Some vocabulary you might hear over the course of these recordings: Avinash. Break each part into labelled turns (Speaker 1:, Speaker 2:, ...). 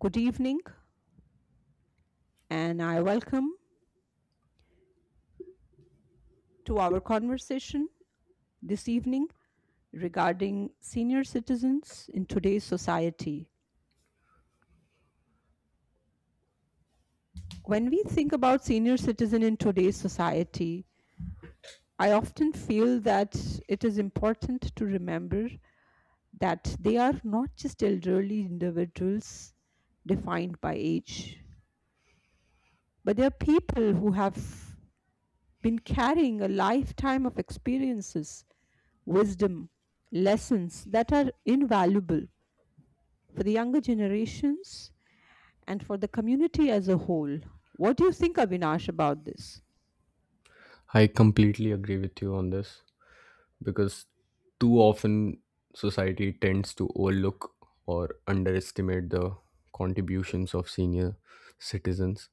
Speaker 1: Good evening, and I welcome to our conversation this evening regarding senior citizens in today's society. When we think about senior citizen in today's society, I often feel that it is important to remember that they are not just elderly individuals defined by age, but they are people who have been carrying a lifetime of experiences wisdom, lessons that are invaluable for the younger generations and for the community as a whole. What do you think, Avinash, about this?
Speaker 2: I completely agree with you on this because too often society tends to overlook or underestimate the contributions of senior citizens,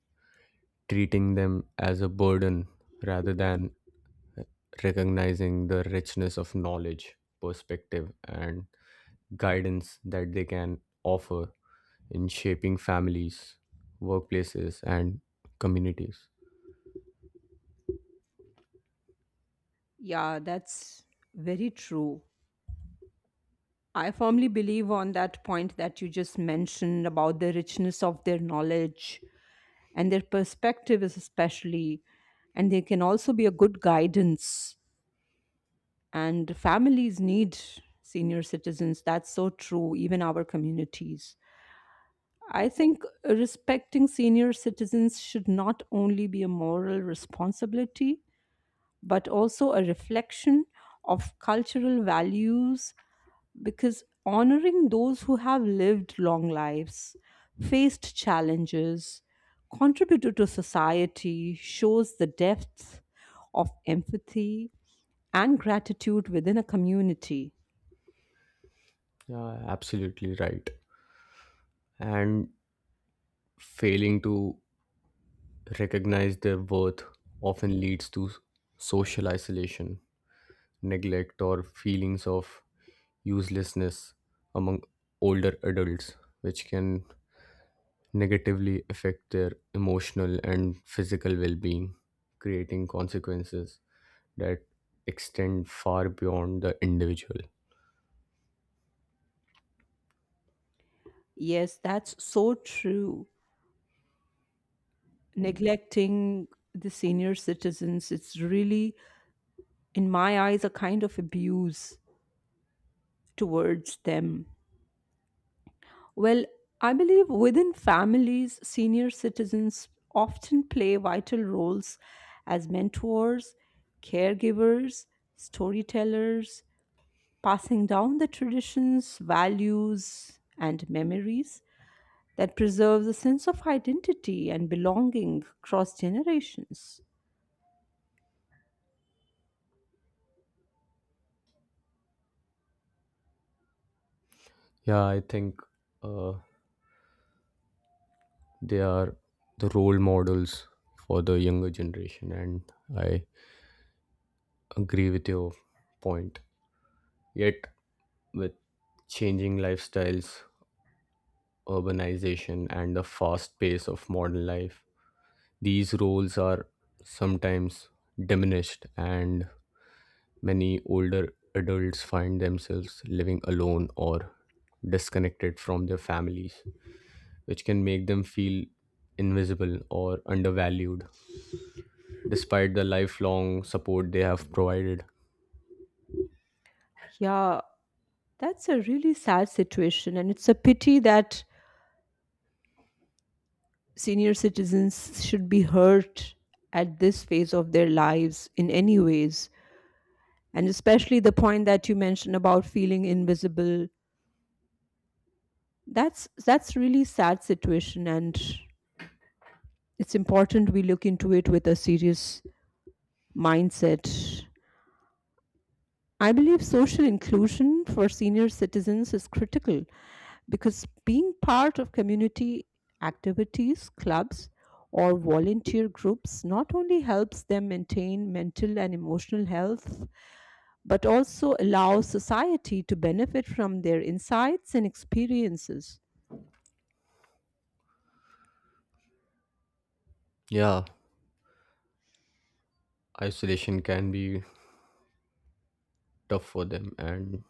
Speaker 2: treating them as a burden rather than recognizing the richness of knowledge, perspective, and guidance that they can offer in shaping families, workplaces, and communities.
Speaker 1: Yeah, that's very true. I firmly believe on that point that you just mentioned about the richness of their knowledge and their perspective is especially and they can also be a good guidance and families need senior citizens, that's so true, even our communities. I think respecting senior citizens should not only be a moral responsibility, but also a reflection of cultural values because honoring those who have lived long lives, faced challenges, contributed to society shows the depth of empathy and gratitude within a community.
Speaker 2: Yeah, absolutely right. And failing to recognize their worth often leads to social isolation, neglect, or feelings of uselessness among older adults, which can negatively affect their emotional and physical well being, creating consequences that extend far beyond the individual.
Speaker 1: Yes, that's so true. Neglecting the senior citizens, it's really, in my eyes, a kind of abuse towards them. Well, I believe within families, senior citizens often play vital roles as mentors, caregivers, storytellers, passing down the traditions, values, and memories that preserves a sense of identity and belonging across generations.
Speaker 2: Yeah, I think uh, they are the role models for the younger generation, and I agree with your point. Yet, with changing lifestyles, urbanization, and the fast pace of modern life, these roles are sometimes diminished, and many older adults find themselves living alone or disconnected from their families, which can make them feel invisible or undervalued despite the lifelong support they have provided.
Speaker 1: Yeah, that's a really sad situation, and it's a pity that senior citizens should be hurt at this phase of their lives in any ways. And especially the point that you mentioned about feeling invisible. That's really sad situation, and it's important we look into it with a serious mindset. I believe social inclusion for senior citizens is critical because being part of community activities, clubs, or volunteer groups not only helps them maintain mental and emotional health, but also allows society to benefit from their insights and experiences.
Speaker 2: Yeah, isolation can be tough for them and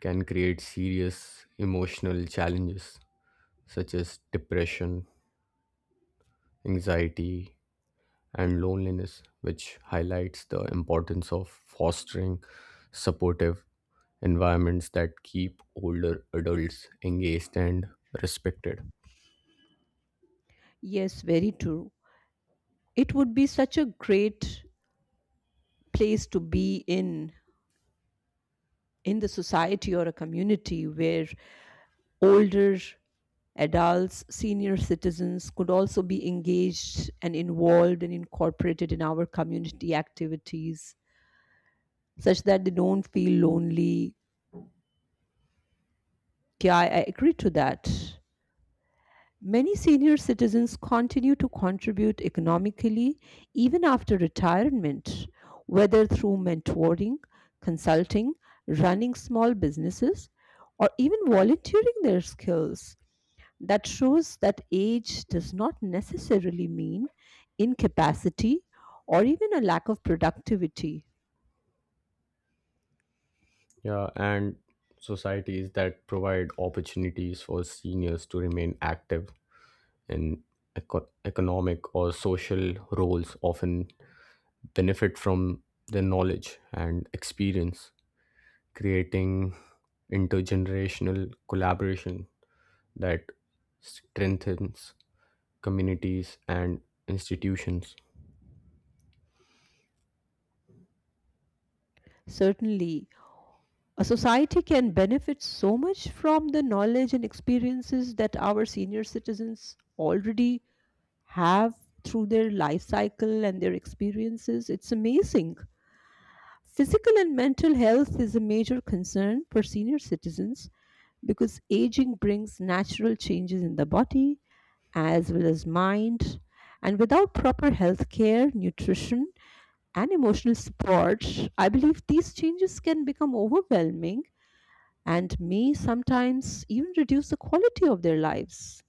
Speaker 2: can create serious emotional challenges such as depression, anxiety, and loneliness, which highlights the importance of fostering supportive environments that keep older adults engaged and respected.
Speaker 1: Yes, very true. It would be such a great place to be in the society or a community where older adults, senior citizens could also be engaged and involved and incorporated in our community activities such that they don't feel lonely. Yeah, I agree to that. Many senior citizens continue to contribute economically even after retirement, whether through mentoring, consulting, running small businesses, or even volunteering their skills. That shows that age does not necessarily mean incapacity or even a lack of productivity.
Speaker 2: Yeah, and societies that provide opportunities for seniors to remain active in economic or social roles often benefit from their knowledge and experience, creating intergenerational collaboration that strengthens communities and institutions.
Speaker 1: Certainly, a society can benefit so much from the knowledge and experiences that our senior citizens already have through their life cycle and their experiences. It's amazing. Physical and mental health is a major concern for senior citizens because aging brings natural changes in the body as well as mind. And without proper health care, nutrition, and emotional support, I believe these changes can become overwhelming and may sometimes even reduce the quality of their lives.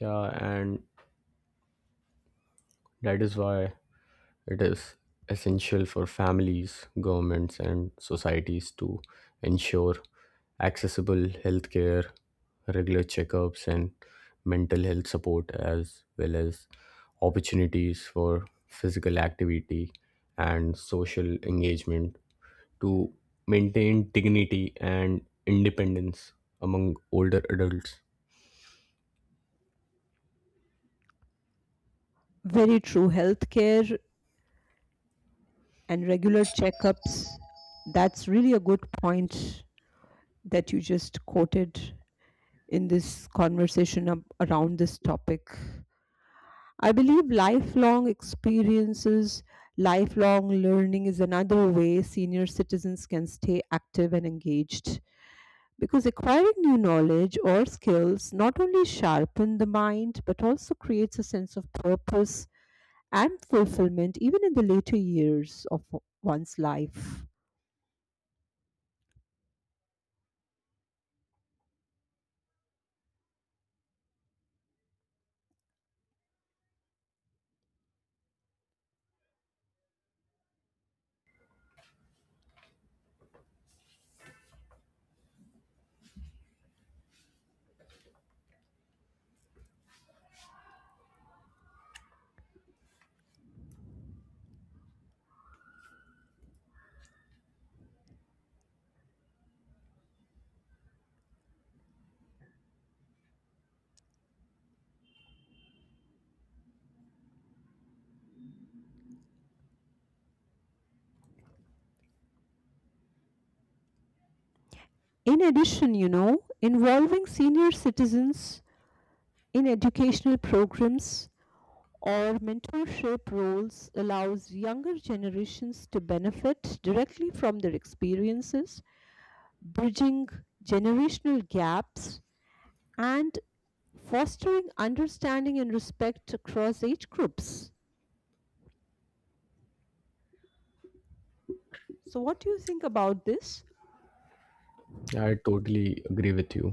Speaker 2: Yeah, and that is why it is essential for families, governments, and societies to ensure accessible healthcare, regular checkups, and mental health support, as well as opportunities for physical activity and social engagement to maintain dignity and independence among older adults.
Speaker 1: Very true. Healthcare and regular checkups, that's really a good point that you just quoted in this conversation around this topic. I believe lifelong experiences, lifelong learning is another way senior citizens can stay active and engaged because acquiring new knowledge or skills not only sharpen the mind but also creates a sense of purpose and fulfillment even in the later years of one's life. In addition, involving senior citizens in educational programs or mentorship roles allows younger generations to benefit directly from their experiences, bridging generational gaps and fostering understanding and respect across age groups. So, what do you think about this?
Speaker 2: I totally agree with you.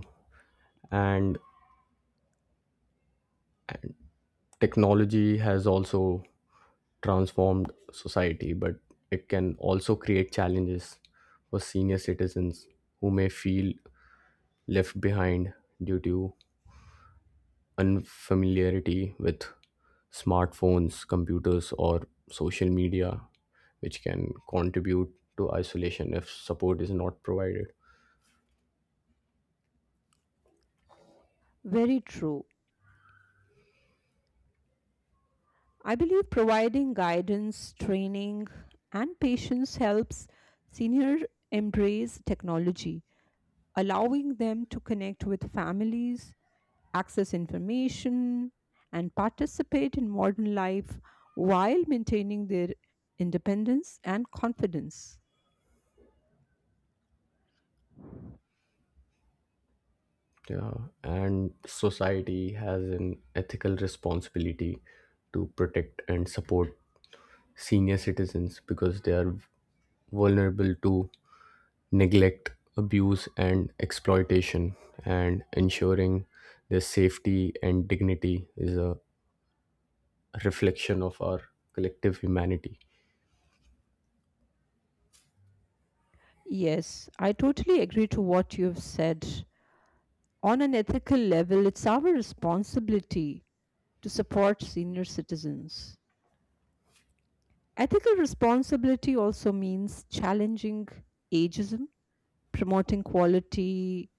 Speaker 2: And technology has also transformed society, but it can also create challenges for senior citizens who may feel left behind due to unfamiliarity with smartphones, computers, or social media, which can contribute to isolation if support is not provided.
Speaker 1: Very true. I believe providing guidance, training, and patience helps senior embrace technology, allowing them to connect with families, access information, and participate in modern life while maintaining their independence and confidence.
Speaker 2: Yeah, and society has an ethical responsibility to protect and support senior citizens because they are vulnerable to neglect, abuse, and exploitation, and ensuring their safety and dignity is a reflection of our collective humanity.
Speaker 1: Yes, I totally agree to what you've said. On an ethical level, it's our responsibility to support senior citizens. Ethical responsibility also means challenging ageism, promoting quality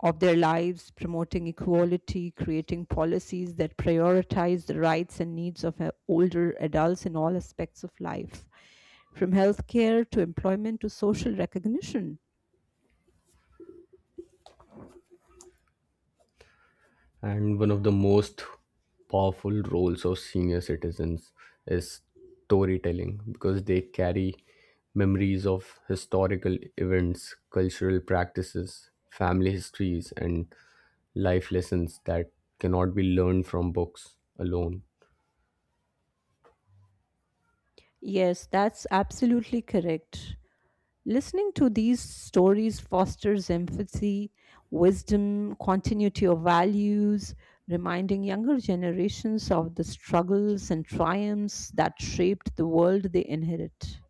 Speaker 1: of their lives, promoting equality, creating policies that prioritize the rights and needs of older adults in all aspects of life, from healthcare to employment to social recognition.
Speaker 2: And one of the most powerful roles of senior citizens is storytelling because they carry memories of historical events, cultural practices, family histories, and life lessons that cannot be learned from books alone.
Speaker 1: Yes, that's absolutely correct. Listening to these stories fosters empathy, wisdom, continuity of values, reminding younger generations of the struggles and triumphs that shaped the world they inherit.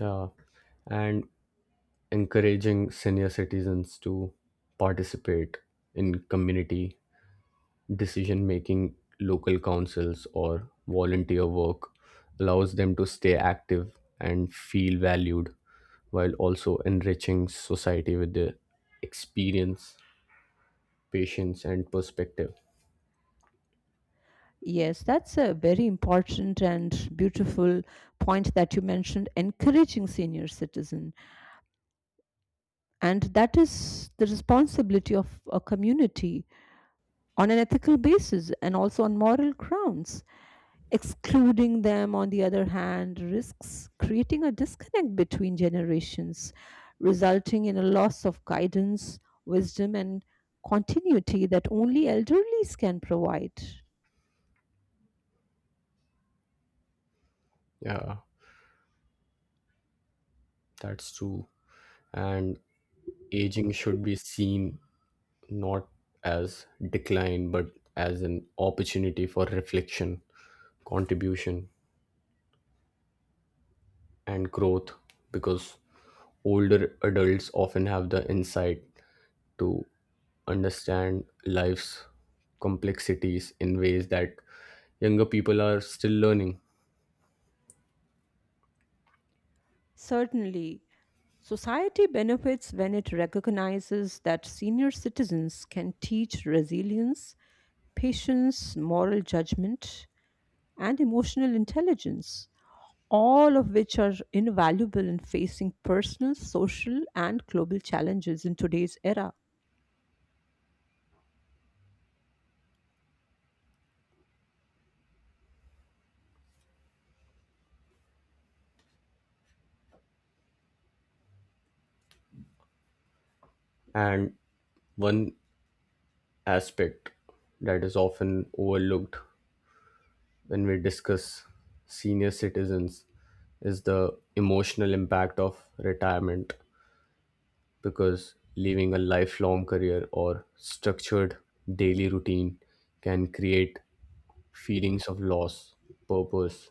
Speaker 2: Yeah, and encouraging senior citizens to participate in community decision making, local councils, or volunteer work allows them to stay active and feel valued while also enriching society with their experience, patience, and perspective.
Speaker 1: Yes, that's a very important and beautiful point that you mentioned encouraging senior citizen, and that is the responsibility of a community on an ethical basis and also on moral grounds. Excluding them on the other hand risks creating a disconnect between generations resulting in a loss of guidance, wisdom and continuity that only elderlies can provide.
Speaker 2: Yeah, that's true. And aging should be seen not as decline but as an opportunity for reflection, contribution, and growth because older adults often have the insight to understand life's complexities in ways that younger people are still learning.
Speaker 1: Certainly, society benefits when it recognizes that senior citizens can teach resilience, patience, moral judgment, and emotional intelligence, all of which are invaluable in facing personal, social, and global challenges in today's era.
Speaker 2: And one aspect that is often overlooked when we discuss senior citizens is the emotional impact of retirement because leaving a lifelong career or structured daily routine can create feelings of loss, purpose,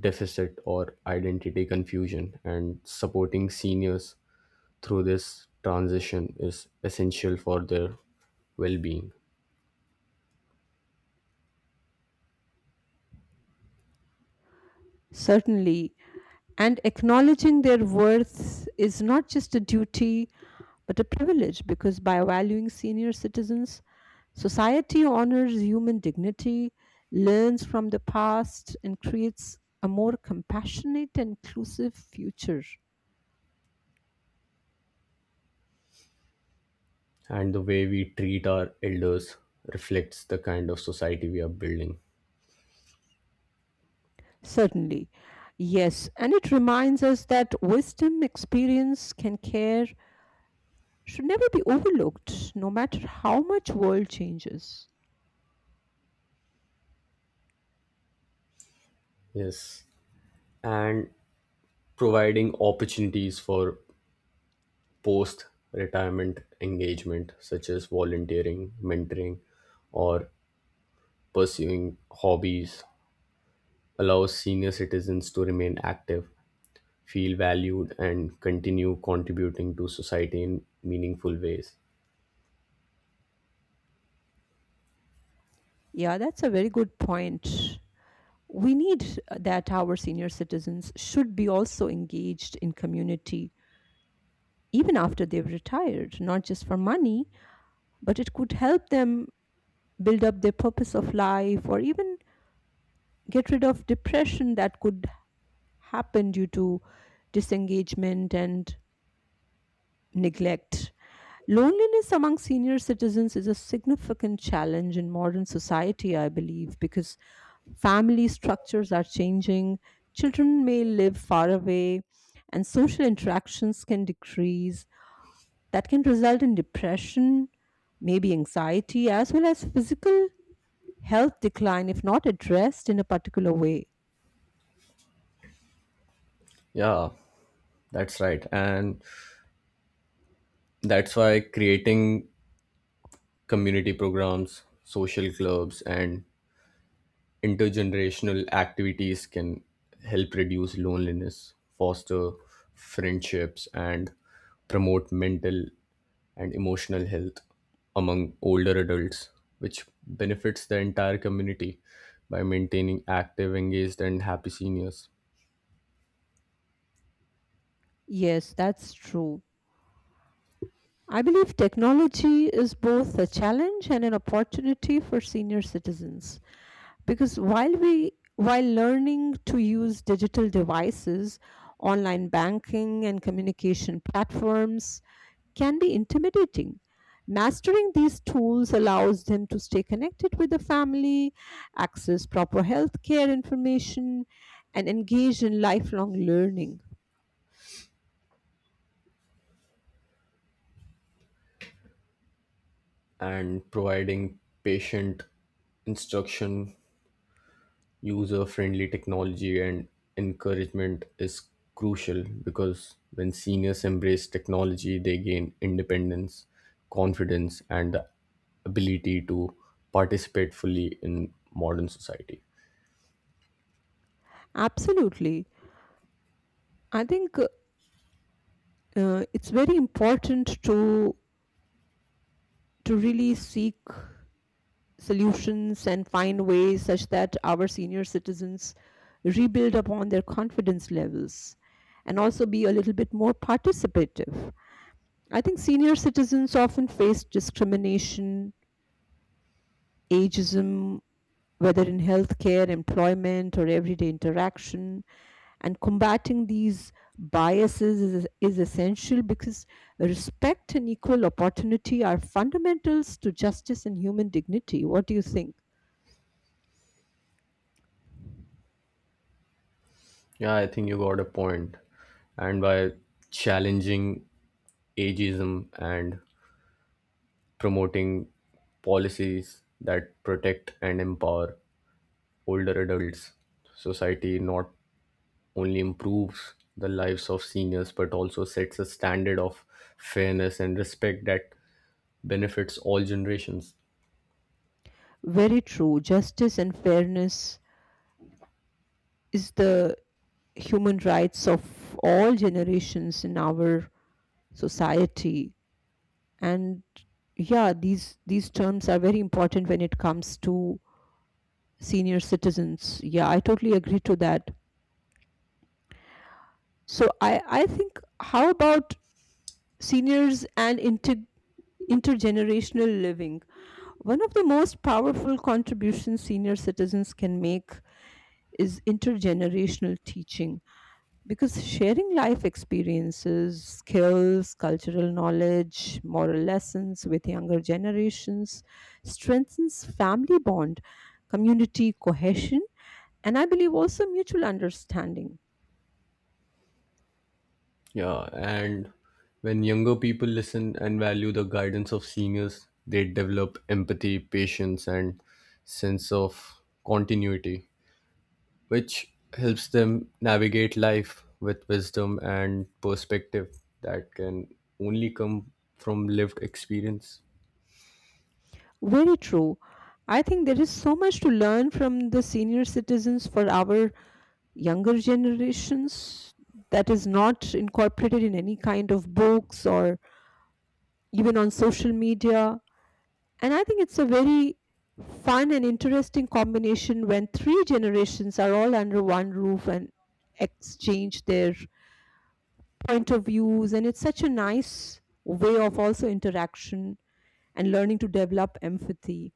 Speaker 2: deficit or identity confusion, and supporting seniors through this transition is essential for their well being.
Speaker 1: Certainly, and acknowledging their worth is not just a duty, but a privilege because by valuing senior citizens, society honors human dignity, learns from the past, and creates a more compassionate and inclusive future.
Speaker 2: And the way we treat our elders reflects the kind of society we are building.
Speaker 1: Certainly. Yes. And it reminds us that wisdom, experience, and care should never be overlooked, no matter how much world changes.
Speaker 2: Yes. And providing opportunities for post retirement engagement, such as volunteering, mentoring, or pursuing hobbies allows senior citizens to remain active, feel valued, and continue contributing to society in meaningful ways.
Speaker 1: Yeah, that's a very good point. We need that our senior citizens should be also engaged in community even after they've retired, not just for money, but it could help them build up their purpose of life or even get rid of depression that could happen due to disengagement and neglect. Loneliness among senior citizens is a significant challenge in modern society, I believe, because family structures are changing, children may live far away, and social interactions can decrease. That can result in depression, maybe anxiety, as well as physical health decline if not addressed in a particular way.
Speaker 2: Yeah, that's right. And that's why creating community programs, social clubs, and intergenerational activities can help reduce loneliness, foster friendships, and promote mental and emotional health among older adults, which benefits the entire community by maintaining active, engaged, and happy seniors
Speaker 1: Yes, that's true. I believe technology is both a challenge and an opportunity for senior citizens, because while we while learning to use digital devices online banking and communication platforms can be intimidating, mastering these tools allows them to stay connected with the family, access proper healthcare information, and engage in lifelong learning.
Speaker 2: and providing patient instruction user friendly technology and encouragement is crucial because when seniors embrace technology, they gain independence, confidence, and the ability to participate fully in modern society.
Speaker 1: Absolutely. I think it's very important to really seek solutions and find ways such that our senior citizens rebuild upon their confidence levels and also be a little bit more participative. I think senior citizens often face discrimination, ageism, whether in healthcare, employment, or everyday interaction. And combating these biases is essential because respect and equal opportunity are fundamentals to justice and human dignity. What do you think?
Speaker 2: Yeah, I think you got a point. And by challenging ageism and promoting policies that protect and empower older adults, society not only improves the lives of seniors but also sets a standard of fairness and respect that benefits all generations.
Speaker 1: Very true. Justice and fairness is the human rights of all generations in our society. And yeah, these terms are very important when it comes to senior citizens. Yeah, I totally agree to that. So I think how about seniors and intergenerational living? One of the most powerful contributions senior citizens can make is intergenerational teaching, because sharing life experiences, skills, cultural knowledge, moral lessons with younger generations strengthens family bond, community cohesion, and I believe also mutual understanding.
Speaker 2: Yeah, and when younger people listen and value the guidance of seniors, they develop empathy, patience, and sense of continuity, which helps them navigate life with wisdom and perspective that can only come from lived experience.
Speaker 1: Very true. I think there is so much to learn from the senior citizens for our younger generations that is not incorporated in any kind of books or even on social media. And I think it's a very fun and interesting combination when three generations are all under one roof and exchange their point of views. And it's such a nice way of also interaction and learning to develop empathy.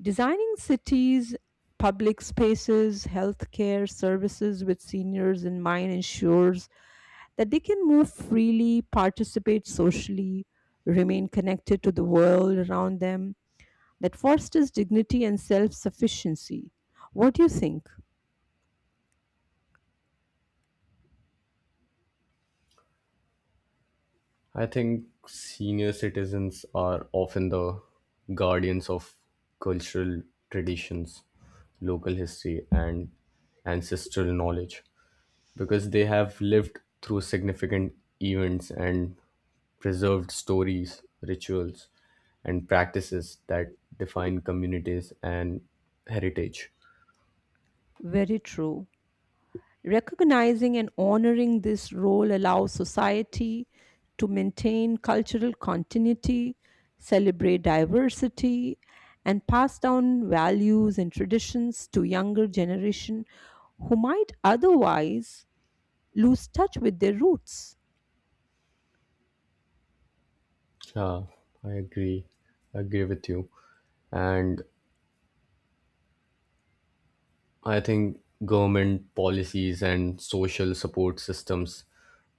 Speaker 1: Designing cities, public spaces, healthcare services with seniors in mind ensures that they can move freely, participate socially, remain connected to the world around them, that fosters dignity and self sufficiency. What do you think?
Speaker 2: I think senior citizens are often the guardians of cultural traditions, local history, and ancestral knowledge because they have lived through significant events and preserved stories, rituals, and practices that define communities and heritage.
Speaker 1: Very true. Recognizing and honoring this role allows society to maintain cultural continuity, celebrate diversity, and pass down values and traditions to younger generation who might otherwise lose touch with their roots.
Speaker 2: Yeah, I agree. I agree with you. And I think government policies and social support systems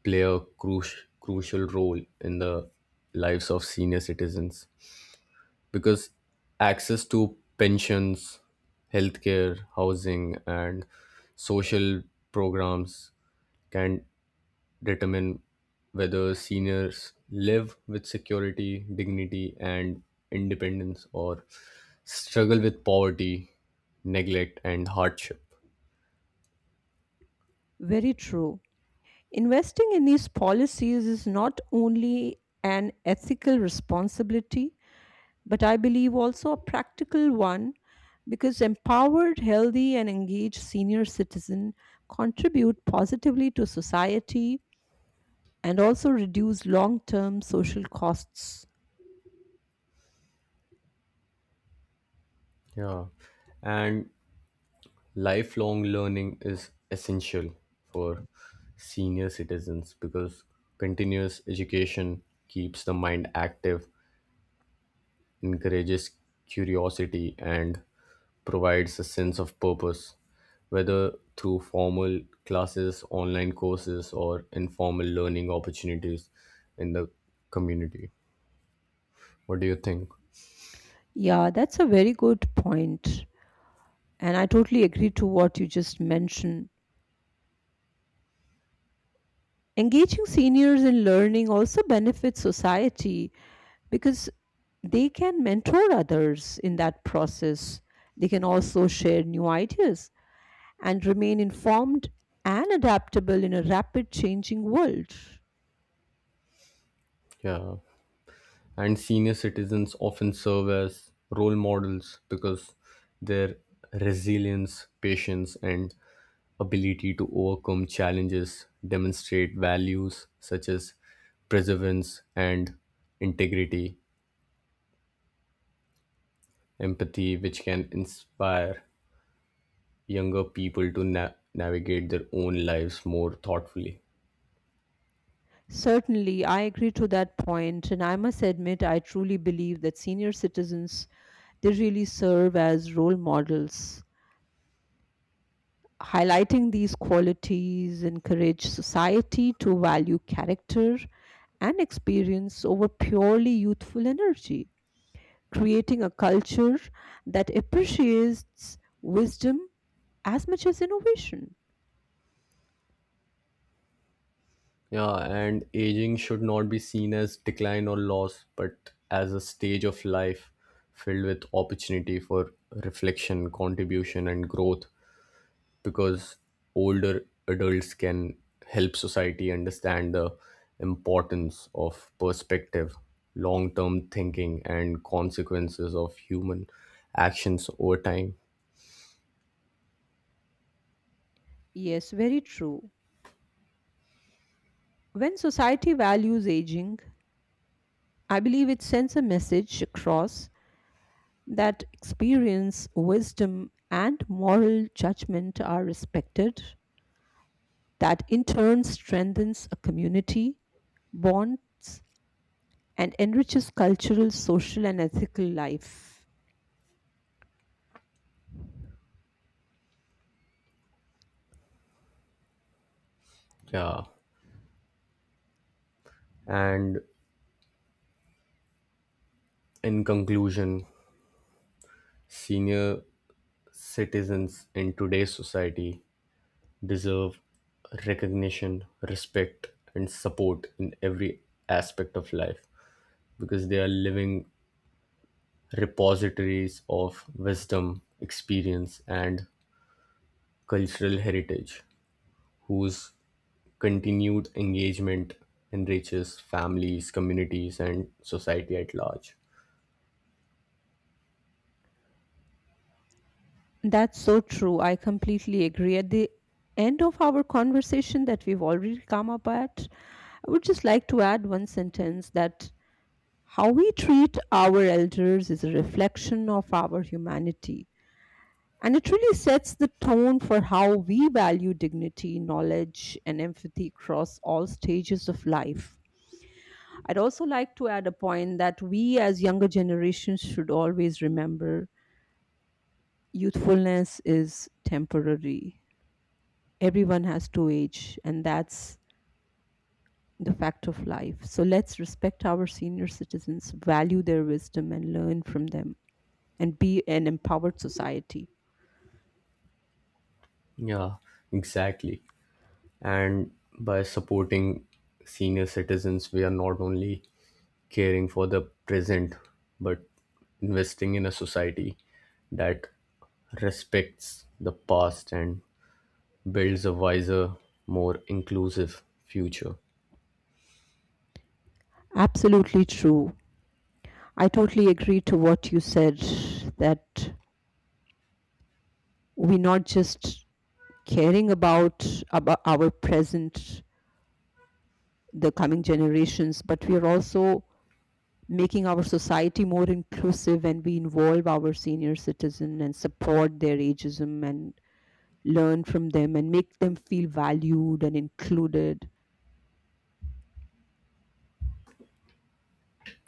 Speaker 2: play a crucial role in the lives of senior citizens because access to pensions, healthcare, housing, and social programs can determine whether seniors live with security, dignity, and independence or struggle with poverty, neglect, and hardship.
Speaker 1: Very true. Investing in these policies is not only an ethical responsibility but I believe also a practical one because empowered, healthy, and engaged senior citizen contribute positively to society and also reduce long term social costs.
Speaker 2: Yeah, and lifelong learning is essential for senior citizens because continuous education keeps the mind active, encourages curiosity, and provides a sense of purpose, whether through formal classes, online courses, or informal learning opportunities in the community. What do you think?
Speaker 1: Yeah, that's a very good point, and I totally agree to what you just mentioned. Engaging seniors in learning also benefits society because they can mentor others in that process. They can also share new ideas and remain informed and adaptable in a rapid changing world.
Speaker 2: Yeah. And senior citizens often serve as role models because their resilience, patience, and ability to overcome challenges demonstrate values such as perseverance and integrity, empathy, which can inspire younger people to navigate their own lives more thoughtfully.
Speaker 1: Certainly, I agree to that point, and I must admit, I truly believe that senior citizens they really serve as role models. Highlighting these qualities encourage society to value character and experience over purely youthful energy, creating a culture that appreciates wisdom as much as innovation.
Speaker 2: Yeah, and aging should not be seen as decline or loss, but as a stage of life filled with opportunity for reflection, contribution, and growth. Because older adults can help society understand the importance of perspective, long term thinking, and consequences of human actions over time.
Speaker 1: Yes, very true. When society values aging, I believe it sends a message across that experience, wisdom, and moral judgment are respected, that in turn strengthens a community, bonds, and enriches cultural, social, and ethical life.
Speaker 2: Yeah. And in conclusion, senior citizens in today's society deserve recognition, respect, and support in every aspect of life because they are living repositories of wisdom, experience, and cultural heritage, whose continued engagement enriches families, communities, and society at large.
Speaker 1: That's so true. I completely agree. At the end of our conversation that we've already come up at, I would just like to add one sentence that how we treat our elders is a reflection of our humanity, and it really sets the tone for how we value dignity, knowledge, and empathy across all stages of life. I'd also like to add a point that we as younger generations should always remember youthfulness is temporary. Everyone has to age, and that's the fact of life. So let's respect our senior citizens, value their wisdom, and learn from them, and be an empowered society.
Speaker 2: Yeah, exactly. And by supporting senior citizens, we are not only caring for the present, but investing in a society that respects the past and builds a wiser, more inclusive future.
Speaker 1: Absolutely true. I totally agree to what you said that we're not just caring about our present, the coming generations, but we are also making our society more inclusive and we involve our senior citizen and support their ageism and learn from them and make them feel valued and included.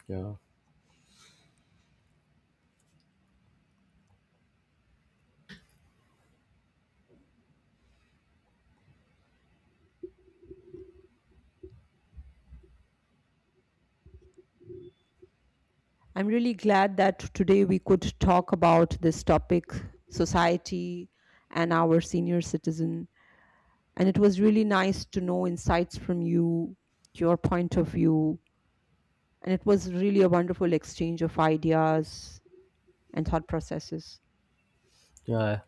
Speaker 2: Yeah,
Speaker 1: I'm really glad that today we could talk about this topic, society and our senior citizen. And it was really nice to know insights from you, your point of view. And it was really a wonderful exchange of ideas and thought processes.
Speaker 2: yeah,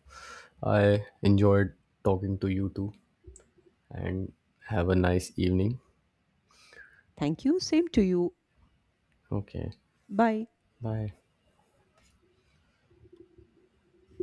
Speaker 2: I enjoyed talking to you too, and have a nice evening.
Speaker 1: Thank you. Same to you.
Speaker 2: Okay,
Speaker 1: Bye.
Speaker 2: bye.